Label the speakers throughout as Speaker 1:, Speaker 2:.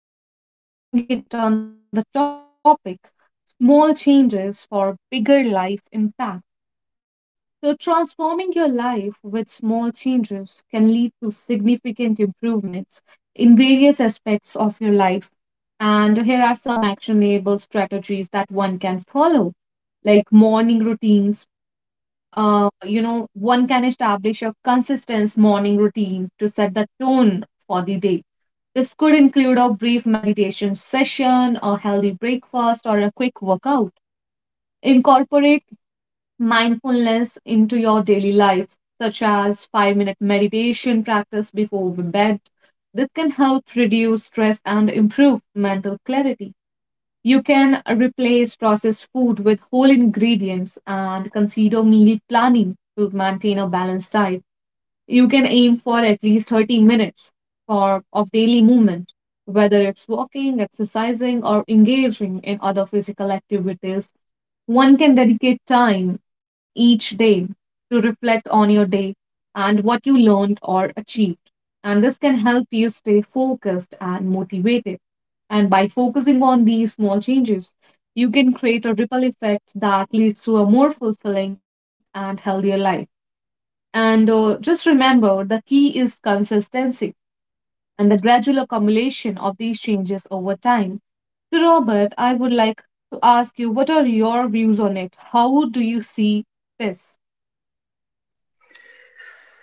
Speaker 1: Podcast today, and we are doing it on the topic small changes for bigger life impact. So, transforming your life with small changes can lead to significant improvements in various aspects of your life. And here are some actionable strategies that one can follow like morning routines. One can establish a consistent morning routine to set the tone for the day. This could include a brief meditation session, a healthy breakfast, or a quick workout. Incorporate mindfulness into your daily life, such as 5-minute meditation practice before bed. This can help reduce stress and improve mental clarity. You can replace processed food with whole ingredients and consider meal planning to maintain a balanced diet. You can aim for at least 30 minutes of daily movement, whether it's walking, exercising, or engaging in other physical activities. One can dedicate time each day to reflect on your day and what you learned or achieved. And this can help you stay focused and motivated. And by focusing on these small changes, you can create a ripple effect that leads to a more fulfilling and healthier life. And just remember, the key is consistency and the gradual accumulation of these changes over time. So, Robert, I would like to ask you, what are your views on it? How do you see this?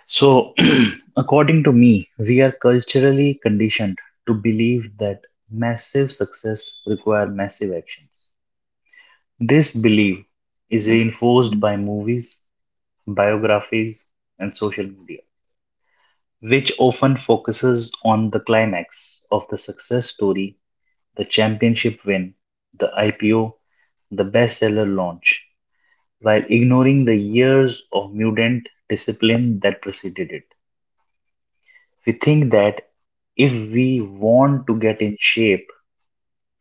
Speaker 2: So, according to me, we are culturally conditioned to believe that massive success require massive actions. This belief is reinforced by movies, biographies, and social media, which often focuses on the climax of the success story, the championship win, the IPO, the bestseller launch, while ignoring the years of mutant discipline that preceded it. We think that if we want to get in shape,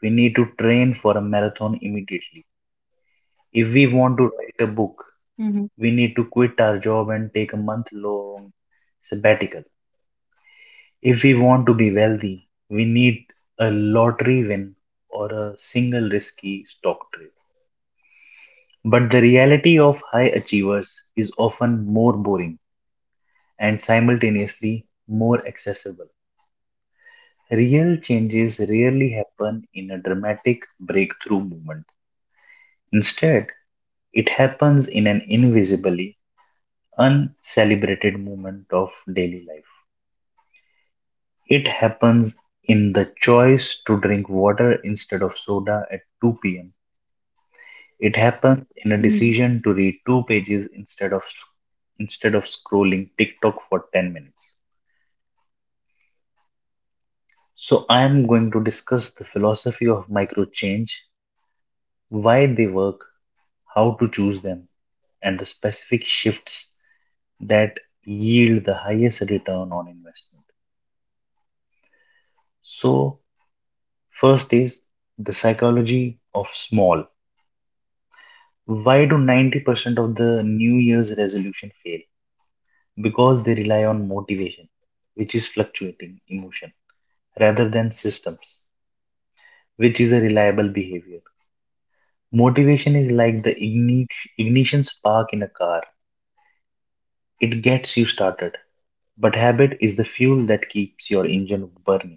Speaker 2: we need to train for a marathon immediately. If we want to write a
Speaker 1: Mm-hmm.
Speaker 2: book, we need to quit our job and take a month long sabbatical. If we want to be wealthy, we need a lottery win or a single risky stock trade. But the reality of high achievers is often more boring and simultaneously more accessible. Real changes rarely happen in a dramatic breakthrough moment. Instead, it happens in an invisibly uncelebrated moment of daily life. It happens in the choice to drink water instead of soda at 2 p.m. It happens in a
Speaker 1: Hmm.
Speaker 2: decision to read two pages instead of scrolling TikTok for 10 minutes. So I am going to discuss the philosophy of micro change, why they work, how to choose them, and the specific shifts that yield the highest return on investment. So, first is the psychology of small. Why do 90% of the New Year's resolution fail? Because they rely on motivation, which is fluctuating emotion, rather than systems, which is a reliable behavior. Motivation is like the ignition spark in a car. It gets you started, but habit is the fuel that keeps your engine burning.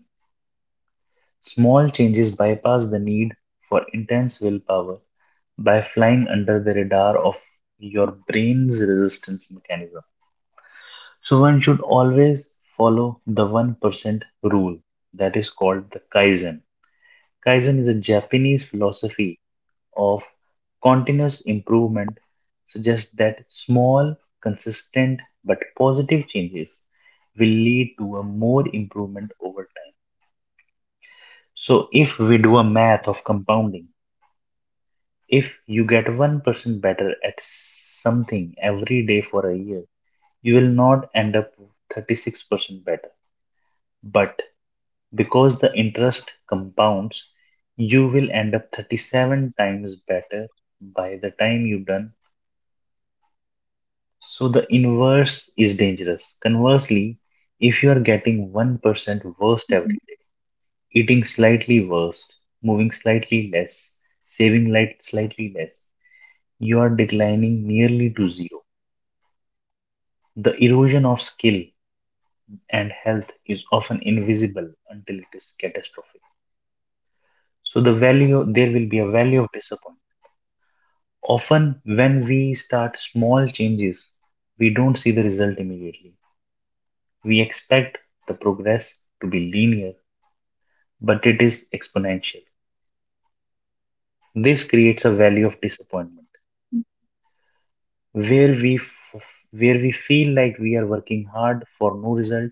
Speaker 2: Small changes bypass the need for intense willpower by flying under the radar of your brain's resistance mechanism. So, one should always follow the 1% rule that is called the Kaizen. Kaizen is a Japanese philosophy of continuous improvement, suggests that small, consistent, but positive changes will lead to a more improvement over time. So, if we do a math of compounding, if you get 1% better at something every day for a year, you will not end up with 36% better. But because the interest compounds, you will end up 37 times better by the time you've done. So the inverse is dangerous. Conversely, if you are getting 1% worse every day, eating slightly worse, moving slightly less, saving light slightly less, you are declining nearly to zero. The erosion of skill and health is often invisible until it is catastrophic. So the value there will be a value of disappointment. Often when we start small changes, we don't see the result immediately. We expect the progress to be linear, but it is exponential. This creates a value of disappointment where we feel like we are working hard for no result.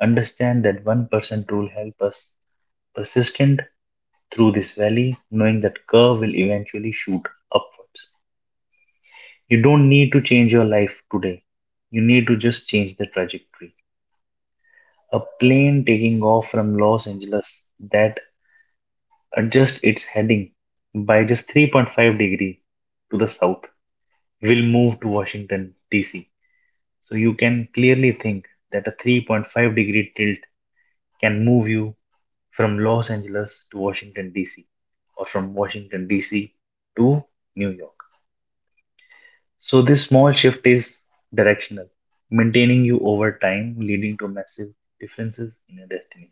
Speaker 2: Understand that 1% rule help us persistent through this valley, knowing that curve will eventually shoot upwards. You don't need to change your life today. You need to just change the trajectory. A plane taking off from Los Angeles that adjusts its heading by just 3.5 degrees to the south will move to Washington DC. So you can clearly think that a 3.5-degree tilt can move you from Los Angeles to Washington DC, or from Washington DC to New York. So this small shift is directional, maintaining you over time, leading to massive differences in a destination.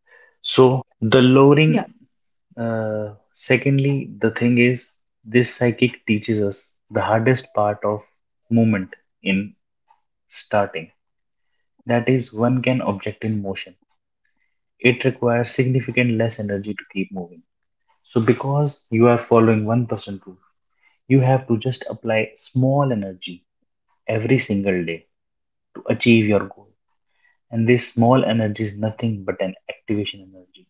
Speaker 1: Yeah.
Speaker 2: So secondly, the thing is, this psychic teaches us the hardest part of movement in starting. That is, one can object in motion. It requires significant less energy to keep moving. So because you are following one person rule, you have to just apply small energy every single day to achieve your goal, and this small energy is nothing but an activation energy.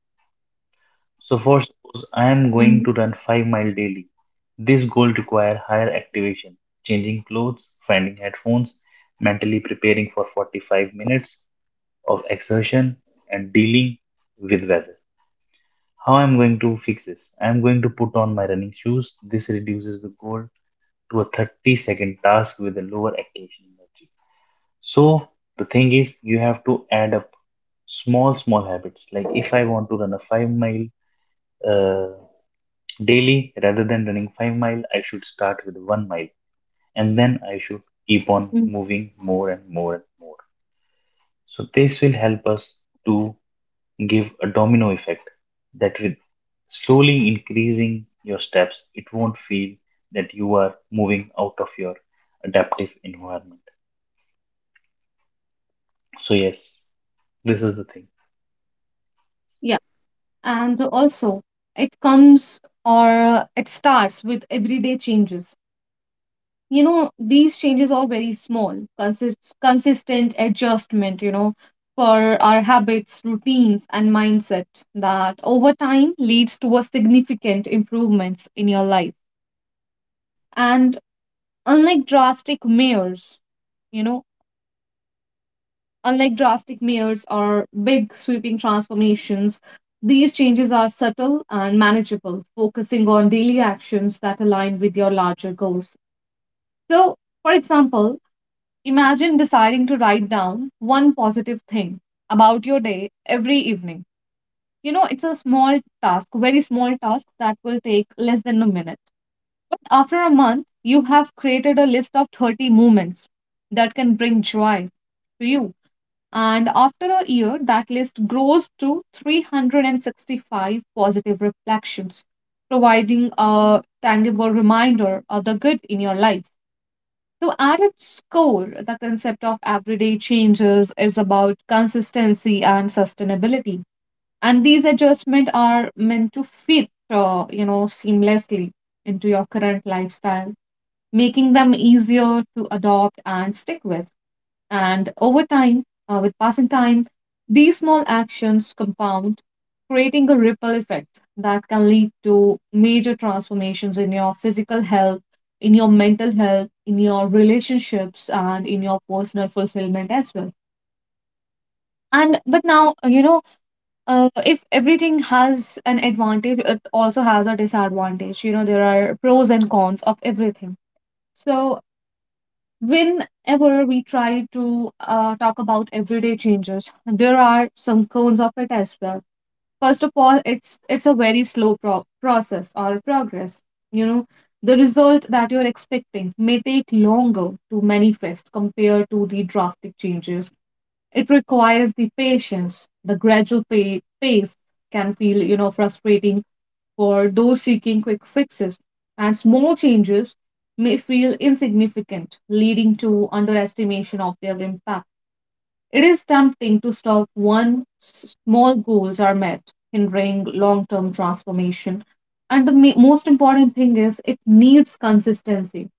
Speaker 2: So
Speaker 1: Hmm.
Speaker 2: for suppose I am going to run 5-mile daily. This goal require higher activation, changing clothes, finding headphones, mentally preparing for 45 minutes of exertion and dealing with weather. How I'm going to fix this? I'm going to put on my running shoes. This reduces the goal to a 30-second task with a lower activation energy. So the thing is, you have to add up small, small habits. Like if I want to run a 5 mile uh, daily, rather than running 5 mile, I should start with 1 mile, and then I should keep on moving more and more and more. So this will help us to give a domino effect that with slowly increasing your steps, it won't feel that you are moving out of your adaptive environment. So yes, this is the thing.
Speaker 1: Yeah. And also, it comes or it starts with everyday changes. You know, these changes are very small consistent adjustment, you know, for our habits, routines, and mindset that over time leads to a significant improvement in your life. And unlike drastic measures, you know, unlike drastic measures or big sweeping transformations, these changes are subtle and manageable, focusing on daily actions that align with your larger goals. So, for example, imagine deciding to write down one positive thing about your day every evening. You know, it's a small task, very small task that will take less than a minute. After a month, you have created a list of 30 moments that can bring joy to you. And after a year, that list grows to 365 positive reflections, providing a tangible reminder of the good in your life. So, at its core, the concept of everyday changes is about consistency and sustainability. And these adjustments are meant to fit, seamlessly into your current lifestyle, making them easier to adopt and stick with. And over time, with passing time, these small actions compound, creating a ripple effect that can lead to major transformations in your physical health, in your mental health, in your relationships, and in your personal fulfillment as well. And but now, you know, if everything has an advantage, it also has a disadvantage. You know, there are pros and cons of everything. So, whenever we try to talk about everyday changes, there are some cons of it as well. First of all, it's a very slow process or progress. You know, the result that you're expecting may take longer to manifest compared to the drastic changes. It requires the patience. The gradual pace can feel, you know, frustrating for those seeking quick fixes, and small changes may feel insignificant, leading to underestimation of their impact. It is tempting to stop once small goals are met, hindering long term transformation. And the most important thing is it needs consistency.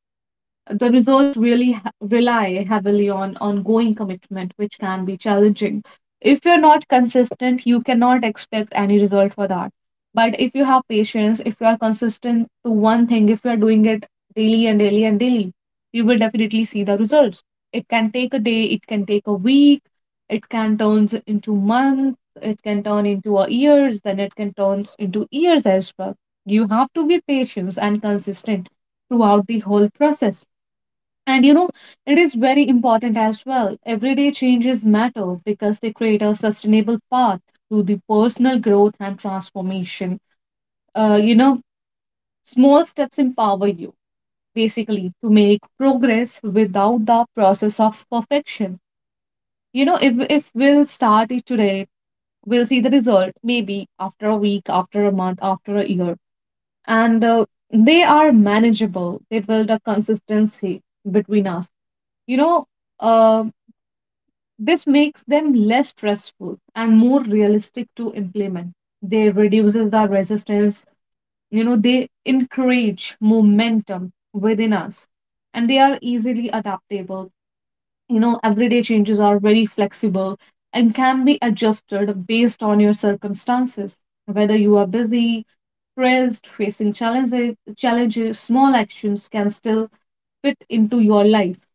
Speaker 1: The research really rely heavily on ongoing commitment, which can be challenging. If you're not consistent, you cannot expect any result for that. But if you have patience, if you are consistent to one thing, if you are doing it daily and daily and daily, you will definitely see the results. It can take a day, it can take a week, it can turn into months, it can turn into a years, then it can turn into years as well. You have to be patient and consistent throughout the whole process. And, you know, it is very important as well. Everyday changes matter because they create a sustainable path to the personal growth and transformation. Uh, you know, Small steps empower you basically to make progress without the process of perfection. You know, if we'll start it today, we'll see the result maybe after a week, after a month, after a year, and they are manageable. They build a consistency between us. You know, um This makes them less stressful and more realistic to implement. They reduces the resistance. You know, they encourage momentum within us, and they are easily adaptable. You know, everyday changes are very flexible and can be adjusted based on your circumstances, whether you are busy, stressed, facing challenges, small actions can still fit into your life.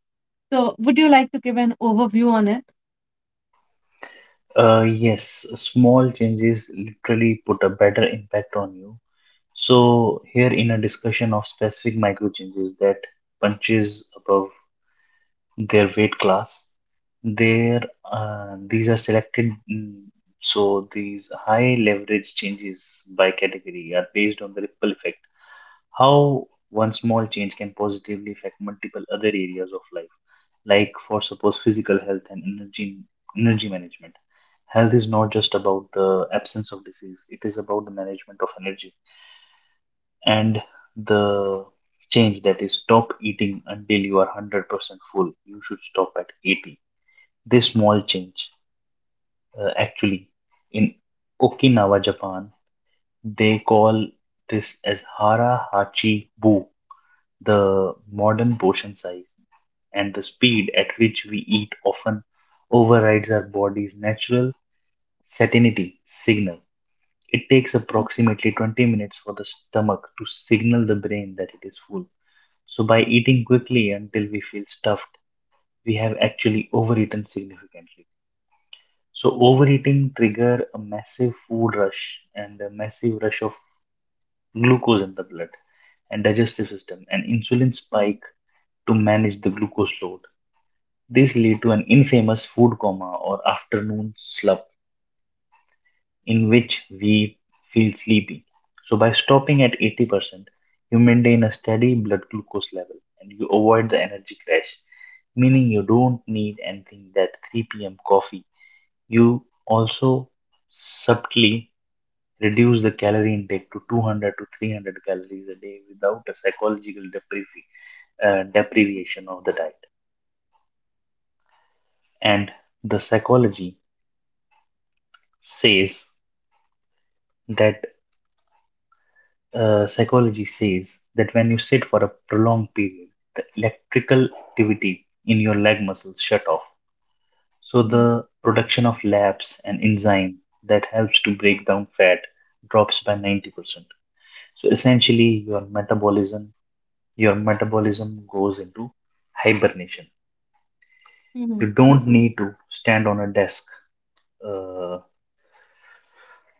Speaker 1: So, would you like to give an overview on it?
Speaker 2: Yes, small changes literally put a better impact on you. So here in a discussion of specific micro changes that punches above their weight class, there these are selected. So these high leverage changes by category are based on the ripple effect, how one small change can positively affect multiple other areas of life, like for suppose physical health and energy management. Health is not just about the absence of disease, it is about the management of energy. And the change that is, stop eating until you are 100% full. You should stop at 80. This small change, actually, in Okinawa, Japan, they call this as hara hachi bu. The modern portion size and the speed at which we eat often overrides our body's natural satiety signal. It takes approximately 20 minutes for the stomach to signal the brain that it is full. So, by eating quickly until we feel stuffed, we have actually overeaten significantly. So, overeating trigger a massive food rush and a massive rush of glucose in the blood and digestive system, and insulin spike to manage the glucose load. This leads to an infamous food coma or afternoon slump in which we feel sleepy. So, by stopping at 80%, you maintain a steady blood glucose level and you avoid the energy crash, meaning you don't need anything that 3 p.m. coffee. You also subtly reduce the calorie intake to 200 to 300 calories a day without a psychological deprivation of the diet.
Speaker 1: Mhm.
Speaker 2: And the says that psychology says that when you sit for a prolonged period, the electrical activity in your leg muscles shut off. So the production of labs
Speaker 1: Mhm.
Speaker 2: and enzyme that helps to break down fat drops by 90%. So essentially your metabolism goes into hibernation. You don't need to stand on
Speaker 1: Mhm.
Speaker 2: a desk uh,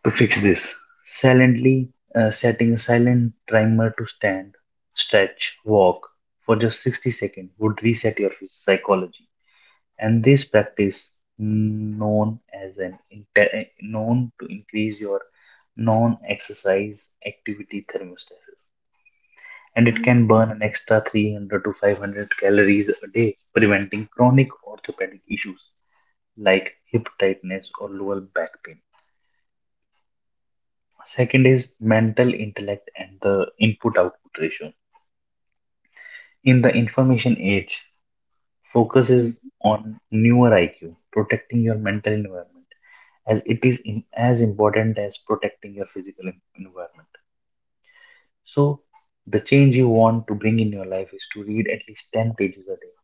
Speaker 2: to fix this. Silently setting a silent timer to stand, stretch, walk for just 60 seconds would reset your psychology. And this practice, known as an inte- eh, known to increase your non-exercise activity thermostasis, and it can burn an extra 300
Speaker 1: Mhm.
Speaker 2: to 500 calories a day, preventing chronic orthopedic issues like hip tightness or lower back pain. Second is mental intellect and the input output ratio. In the information age, focus is on newer IQ,
Speaker 1: Mhm.
Speaker 2: protecting your mental environment, as it is as important as protecting your physical environment. So, the change you want to bring in your life is to read at least 10 pages a day.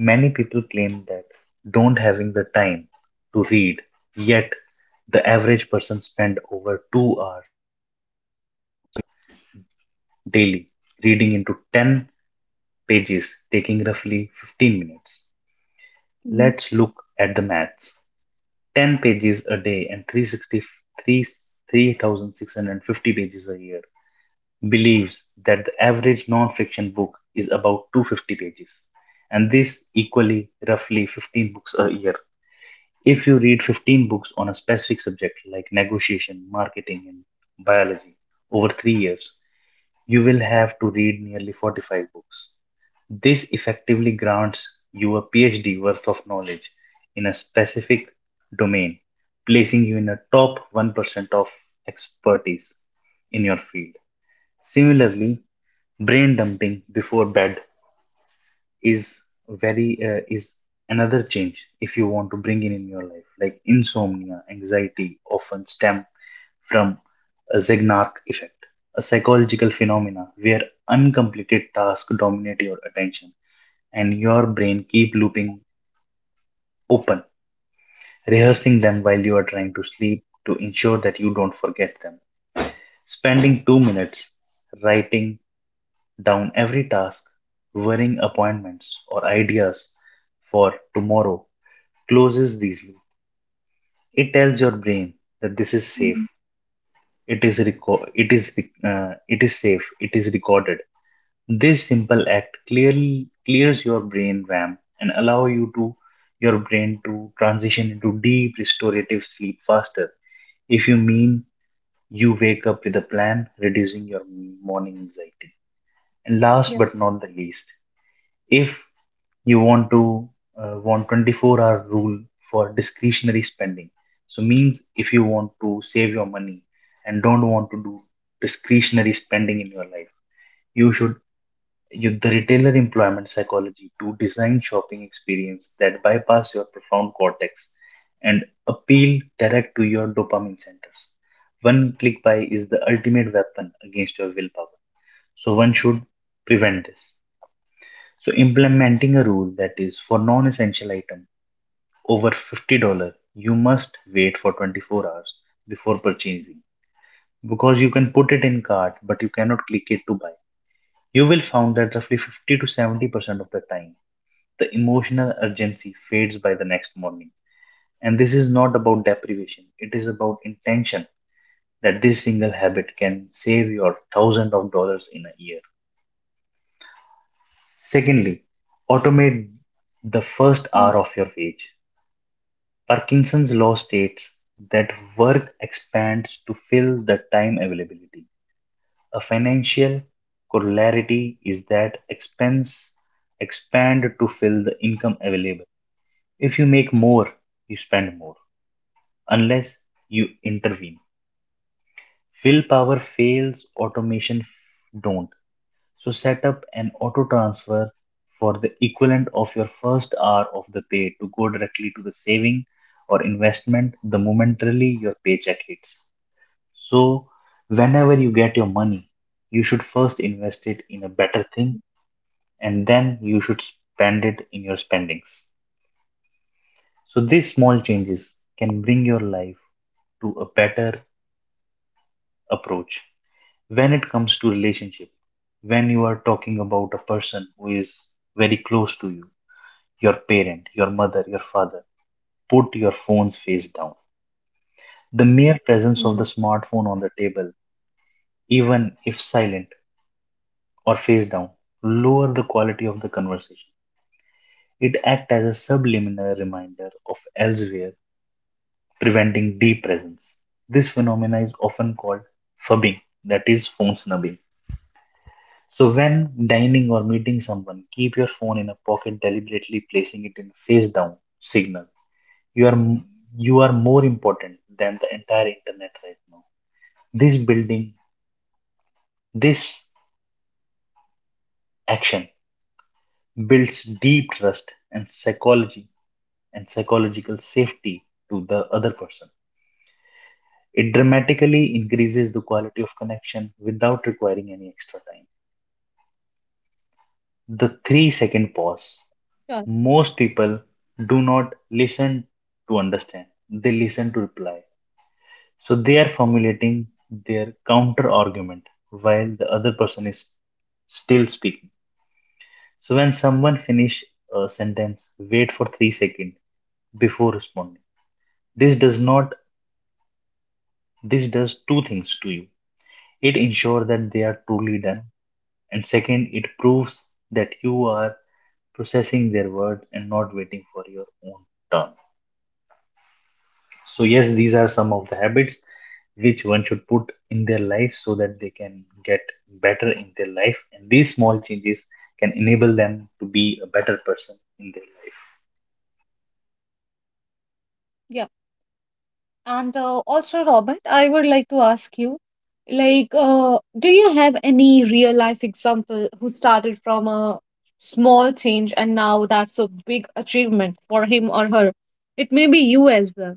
Speaker 2: Many people claim that don't having the time to read, yet, the average person spend over 2 hours on a social media daily, reading into 10 pages, taking roughly 15 minutes. Let's look at the maths.
Speaker 1: Mhm.
Speaker 2: 10 pages a day, and three sixty three three 3,650 pages a year. Believes that the average non-fiction book is about 250 pages, and this equally roughly 15 books a year. If you read 15 books on a specific subject like negotiation, marketing, and biology over 3 years, you will have to read nearly 45 books. This effectively grants you a PhD worth of knowledge in a specific domain, placing you in a top 1% of expertise in your field. Similarly, brain dumping before bed is is another change if you want to bring in your life. Like insomnia anxiety often stem from a Zeigarnik effect, a psychological phenomena where uncompleted tasks dominate your attention and your brain keep looping open, rehearsing them while you are trying to sleep to ensure that you don't forget them. Spending 2 minutes writing down every task, worrying appointments or ideas for tomorrow closes these loops. It tells your brain that this is safe.
Speaker 1: Mhm.
Speaker 2: It is safe. It is recorded. This simple act clearly clears your brain RAM and allow your brain to transition into deep restorative sleep faster. If you mean, you wake up with a plan, reducing your morning anxiety. And last but not the least,
Speaker 1: Yeah.
Speaker 2: if you want 24-hour rule for discretionary spending, so means if you want to save your money and don't want to do discretionary spending in your life, you should use the retailer employment psychology to design shopping experience that bypass your profound cortex and appeal direct to your dopamine centers. One click buy is the ultimate weapon against your willpower. So one should prevent this. So implementing a rule that is for non-essential item over $50, you must wait for 24 hours before purchasing because you can put it in cart but you cannot click it to buy. You will find that roughly 50 to 70% of the time the emotional urgency fades by the next morning. And this is not about deprivation, it is about intention that this single habit can save your thousands of dollars in a year. Secondly, automate the first hour
Speaker 1: Mhm.
Speaker 2: of your wage. Parkinson's law states that work expands to fill the time availability. A financial corollary is that expense expand to fill the income available. If you make more, you spend more, unless you intervene. Willpower fails, automation don't. So set up an auto transfer for the equivalent of your first hour of the pay to go directly to the saving or investment the momentarily your paycheck hits. So whenever you get your money, you should first invest it in a better thing
Speaker 1: Mhm.
Speaker 2: and then you should spend it in your spendings. So these small changes can bring your life to a better approach. When it comes to relationship, when you are talking about a person who is very close to you, your parent, your mother, your father, put your phone's face down. The mere presence of the
Speaker 1: Mhm.
Speaker 2: smartphone on the table, even if silent or face down, lower the quality of the conversation. It acts as a subliminal reminder of elsewhere, preventing deep presence. This phenomena is often called fubbing, that is phone snubbing. So, when dining or meeting someone, keep your phone in a pocket, deliberately placing it in face down signal. You are m- you are more important than the entire internet right now. This building, this action builds deep trust and psychology and psychological safety to the other person. It dramatically increases the quality of connection without requiring any extra time. The 3 second pause.
Speaker 1: Sure.
Speaker 2: Most people do not listen to understand, they listen to reply. So they are formulating their counter argument while the other person is still speaking. So when someone finish a sentence, wait for 3 seconds before responding. This does not this does two things to you. It ensures that they are truly done, and second, it proves that you are processing their words and not waiting for your own turn. So, yes, these are some of the habits which one should put in their life so that they can get better in their life. And these small changes can enable them to be a better person in their life.
Speaker 1: Yeah. And also, Robert, I would like to ask you, like, do you have any real life example who started from a small change and now that's a big achievement for him or her? It may be you as well.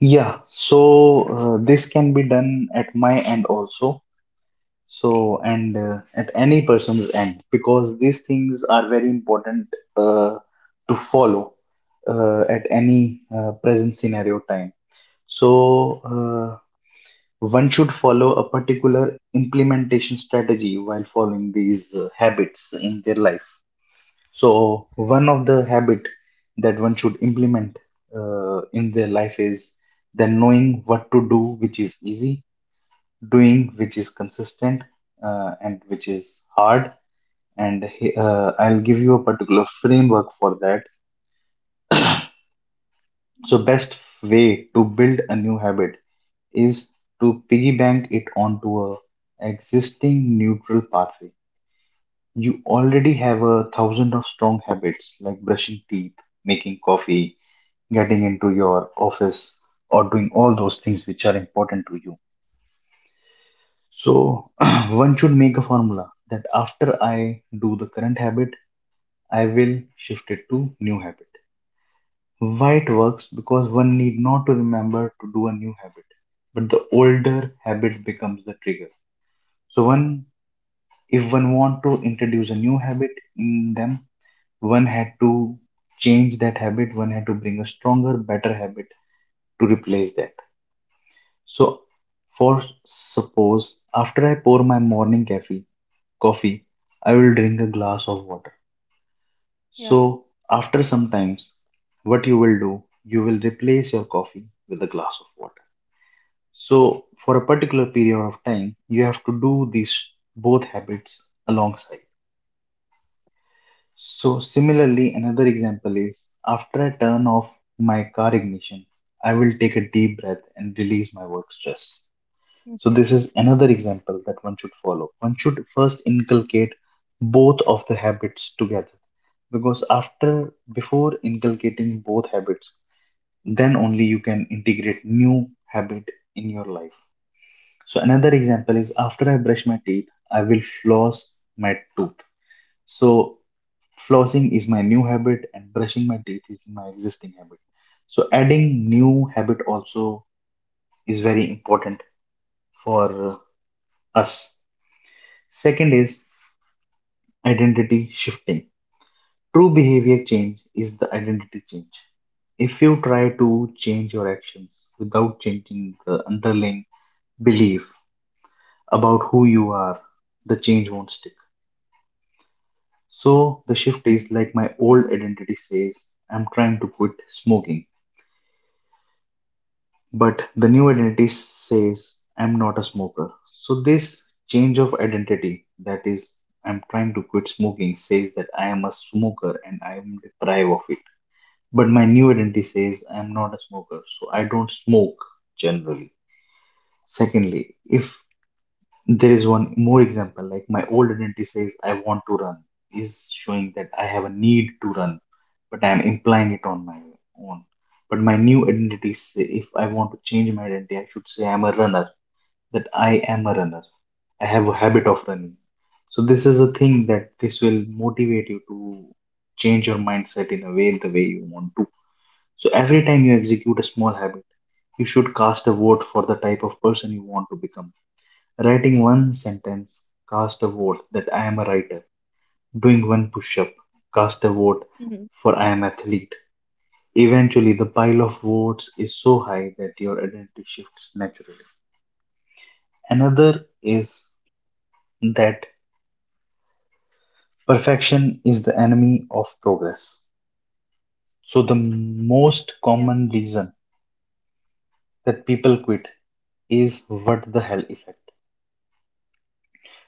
Speaker 2: Yeah, so this can be done at my end also. So, and at any person's end, because these things are very important uh, to follow at any present scenario time. So, one should follow a particular implementation strategy while following these habits in their life. So, one of the habit that one should implement in their life is then knowing what to do, which is easy, doing which is consistent, and which is hard. And I'll give you a particular framework for that. So, best
Speaker 1: Mhm.
Speaker 2: way to build a new habit is to piggy bank it onto a existing neutral pathway. You already have a thousand of strong habits like brushing teeth, making coffee, getting into your office, or doing all those things which are important to you. So, one should make a formula that after I do the current habit, I will shift it to new habit. Why it works? Because one need not to remember to do a new habit, but the older habit becomes the trigger. So, one, if one want to introduce a new habit in them, one had to change that habit, one had to bring a stronger better habit to replace that. So for suppose after I pour my morning cafe coffee, I will drink a glass of water. So after some
Speaker 1: Yeah.
Speaker 2: times, what you will do, you will replace your coffee with a glass of water. So for a particular period of time you have to do these both habits alongside. So, similarly, another example is after I turn off my car ignition, I will take a deep breath and release my work stress. So, this is another
Speaker 1: Mm-hmm.
Speaker 2: example that one should follow. One should first inculcate both of the habits together, because after before inculcating both habits, then only you can integrate new habit in your life. So, another example is after I brush my teeth, I will floss my tooth. So flossing is my new habit and brushing my teeth is my existing habit. So adding new habit also is very important for us. Second is identity shifting. True behavior change is the identity change. If you try to change your actions without changing the underlying belief about who you are, the change won't stick. So the shift is like my old identity says, "I'm trying to quit smoking," but the new identity says, "I'm not a smoker." So this change of identity, that is, "I'm trying to quit smoking" says that I am a smoker and I am deprived of it. But my new identity says I'm not a smoker, so I don't smoke generally. Secondly, if there is one more example, like my old identity says "I want to run," is showing that I have a need to run, but I am implying it on my own. But my new identity say, if I want to change my identity, I should say "I'm a runner," that I am a runner. I have a habit of running. So this is a thing that this will motivate you to change your mindset in a way the way you want to. So every time you execute a small habit, you should cast a vote for the type of person you want to become. Writing one sentence, cast a vote that I am a writer. Doing one push up, cast a vote
Speaker 1: Mhm.
Speaker 2: for I am athlete. Eventually, the pile of votes is so high that your identity shifts naturally. Another is that perfection is the enemy of progress. So, the most
Speaker 1: Yeah,
Speaker 2: common reason that people quit is what the hell effect.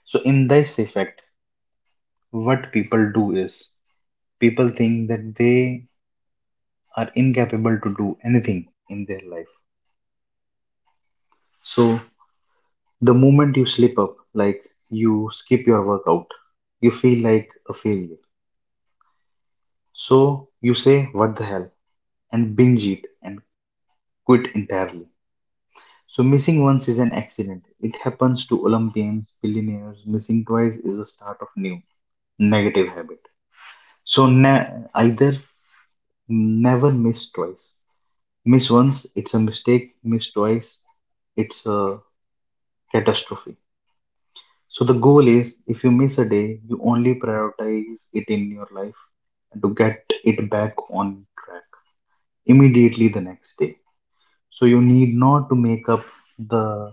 Speaker 2: So, in this effect, what people do is people think that they are incapable to do anything in their life. So the moment you slip up, like you skip your workout, you feel like a failure. So you say, "What the hell?" and binge it and quit entirely. So missing once is an accident. It happens to Olympians, billionaires. Missing twice is the start of new negative habit. So either never miss twice. Miss once, it's a mistake. Miss twice, it's a catastrophe. So the goal is if you miss a day, you only prioritize it in your life and to get it back on track immediately the next day. So you need not to make up the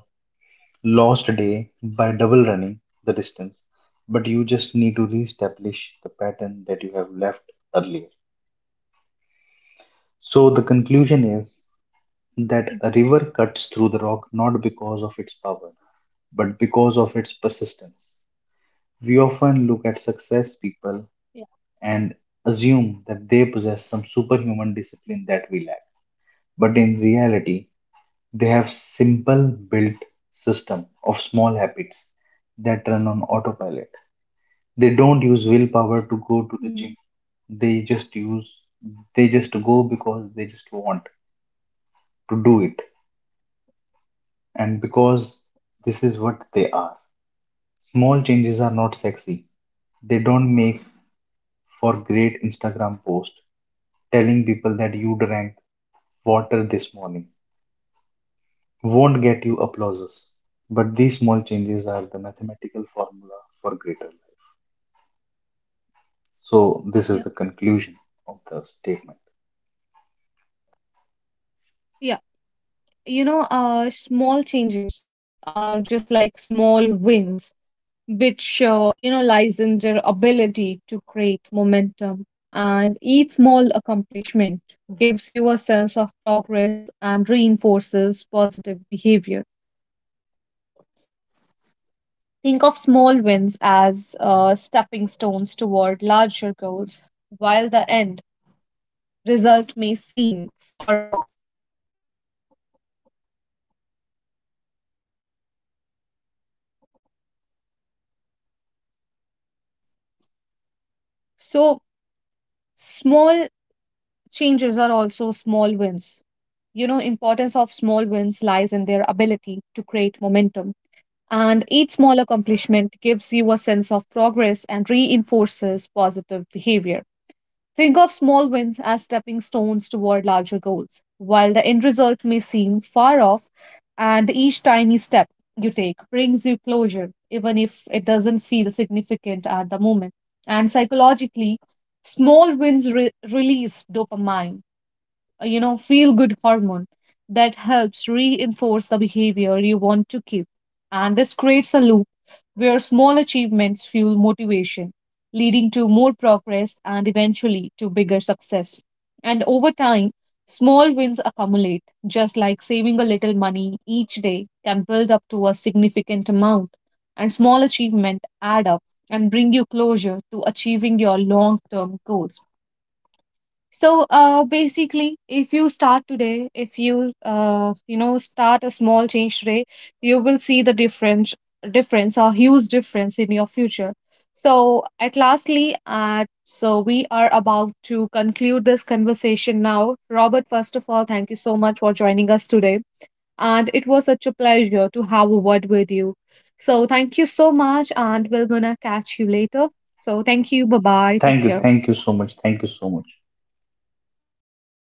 Speaker 2: lost day by double running the distance, but you just need to reestablish the pattern that you have left earlier. So the conclusion is that a
Speaker 1: exactly.
Speaker 2: river cuts through the rock not because of its power, but because of its persistence. We often look at success people
Speaker 1: Yeah.
Speaker 2: and assume that they possess some superhuman discipline that we lack. But in reality, they have simple built system of small habits that run on autopilot. They don't use willpower to go to the gym.
Speaker 1: Mhm.
Speaker 2: They just use, they just go because they just want to do it and because this is what they are. Small changes are not sexy. They don't make for great Instagram post telling people that you drank water this morning won't get you applauses. But these small changes are the mathematical formula for greater life. So
Speaker 1: Yeah.
Speaker 2: this is the conclusion of the statement.
Speaker 1: Yeah. You know, small changes are just like small wins, which, you know, lies in their ability to create momentum. And each small accomplishment gives you a sense of progress and reinforces positive behavior. Think of small wins as stepping stones toward larger goals, while the end result may seem far off. So, small changes are also small wins. You know, importance of small wins lies in their ability to create momentum. And each small accomplishment gives you a sense of progress and reinforces positive behavior. Think of small wins as stepping stones toward larger goals. While the end result may seem far off, and each tiny step you take brings you closure, even if it doesn't feel significant at the moment. And psychologically, small wins release dopamine, you know, feel good hormone that helps reinforce the behavior you want to keep. And this creates a loop where small achievements fuel motivation, leading to progress and eventually to bigger success. And over time, small wins accumulate, just like saving a little money each day can build up to a significant amount, and small achievements add up and bring you closer to achieving your long term goals. So, basically, if you start today, if you you know start a small change today, you will see the difference, a huge difference in your future. So, at lastly, so we are about to conclude this conversation now, Robert. First of all, thank you so much for joining us today, and it was such a pleasure to have a word with you. So, thank you so much and we're gonna catch you later. So, thank you. Bye bye,
Speaker 2: Thank
Speaker 1: take
Speaker 2: you,
Speaker 1: care.
Speaker 2: thank you so much.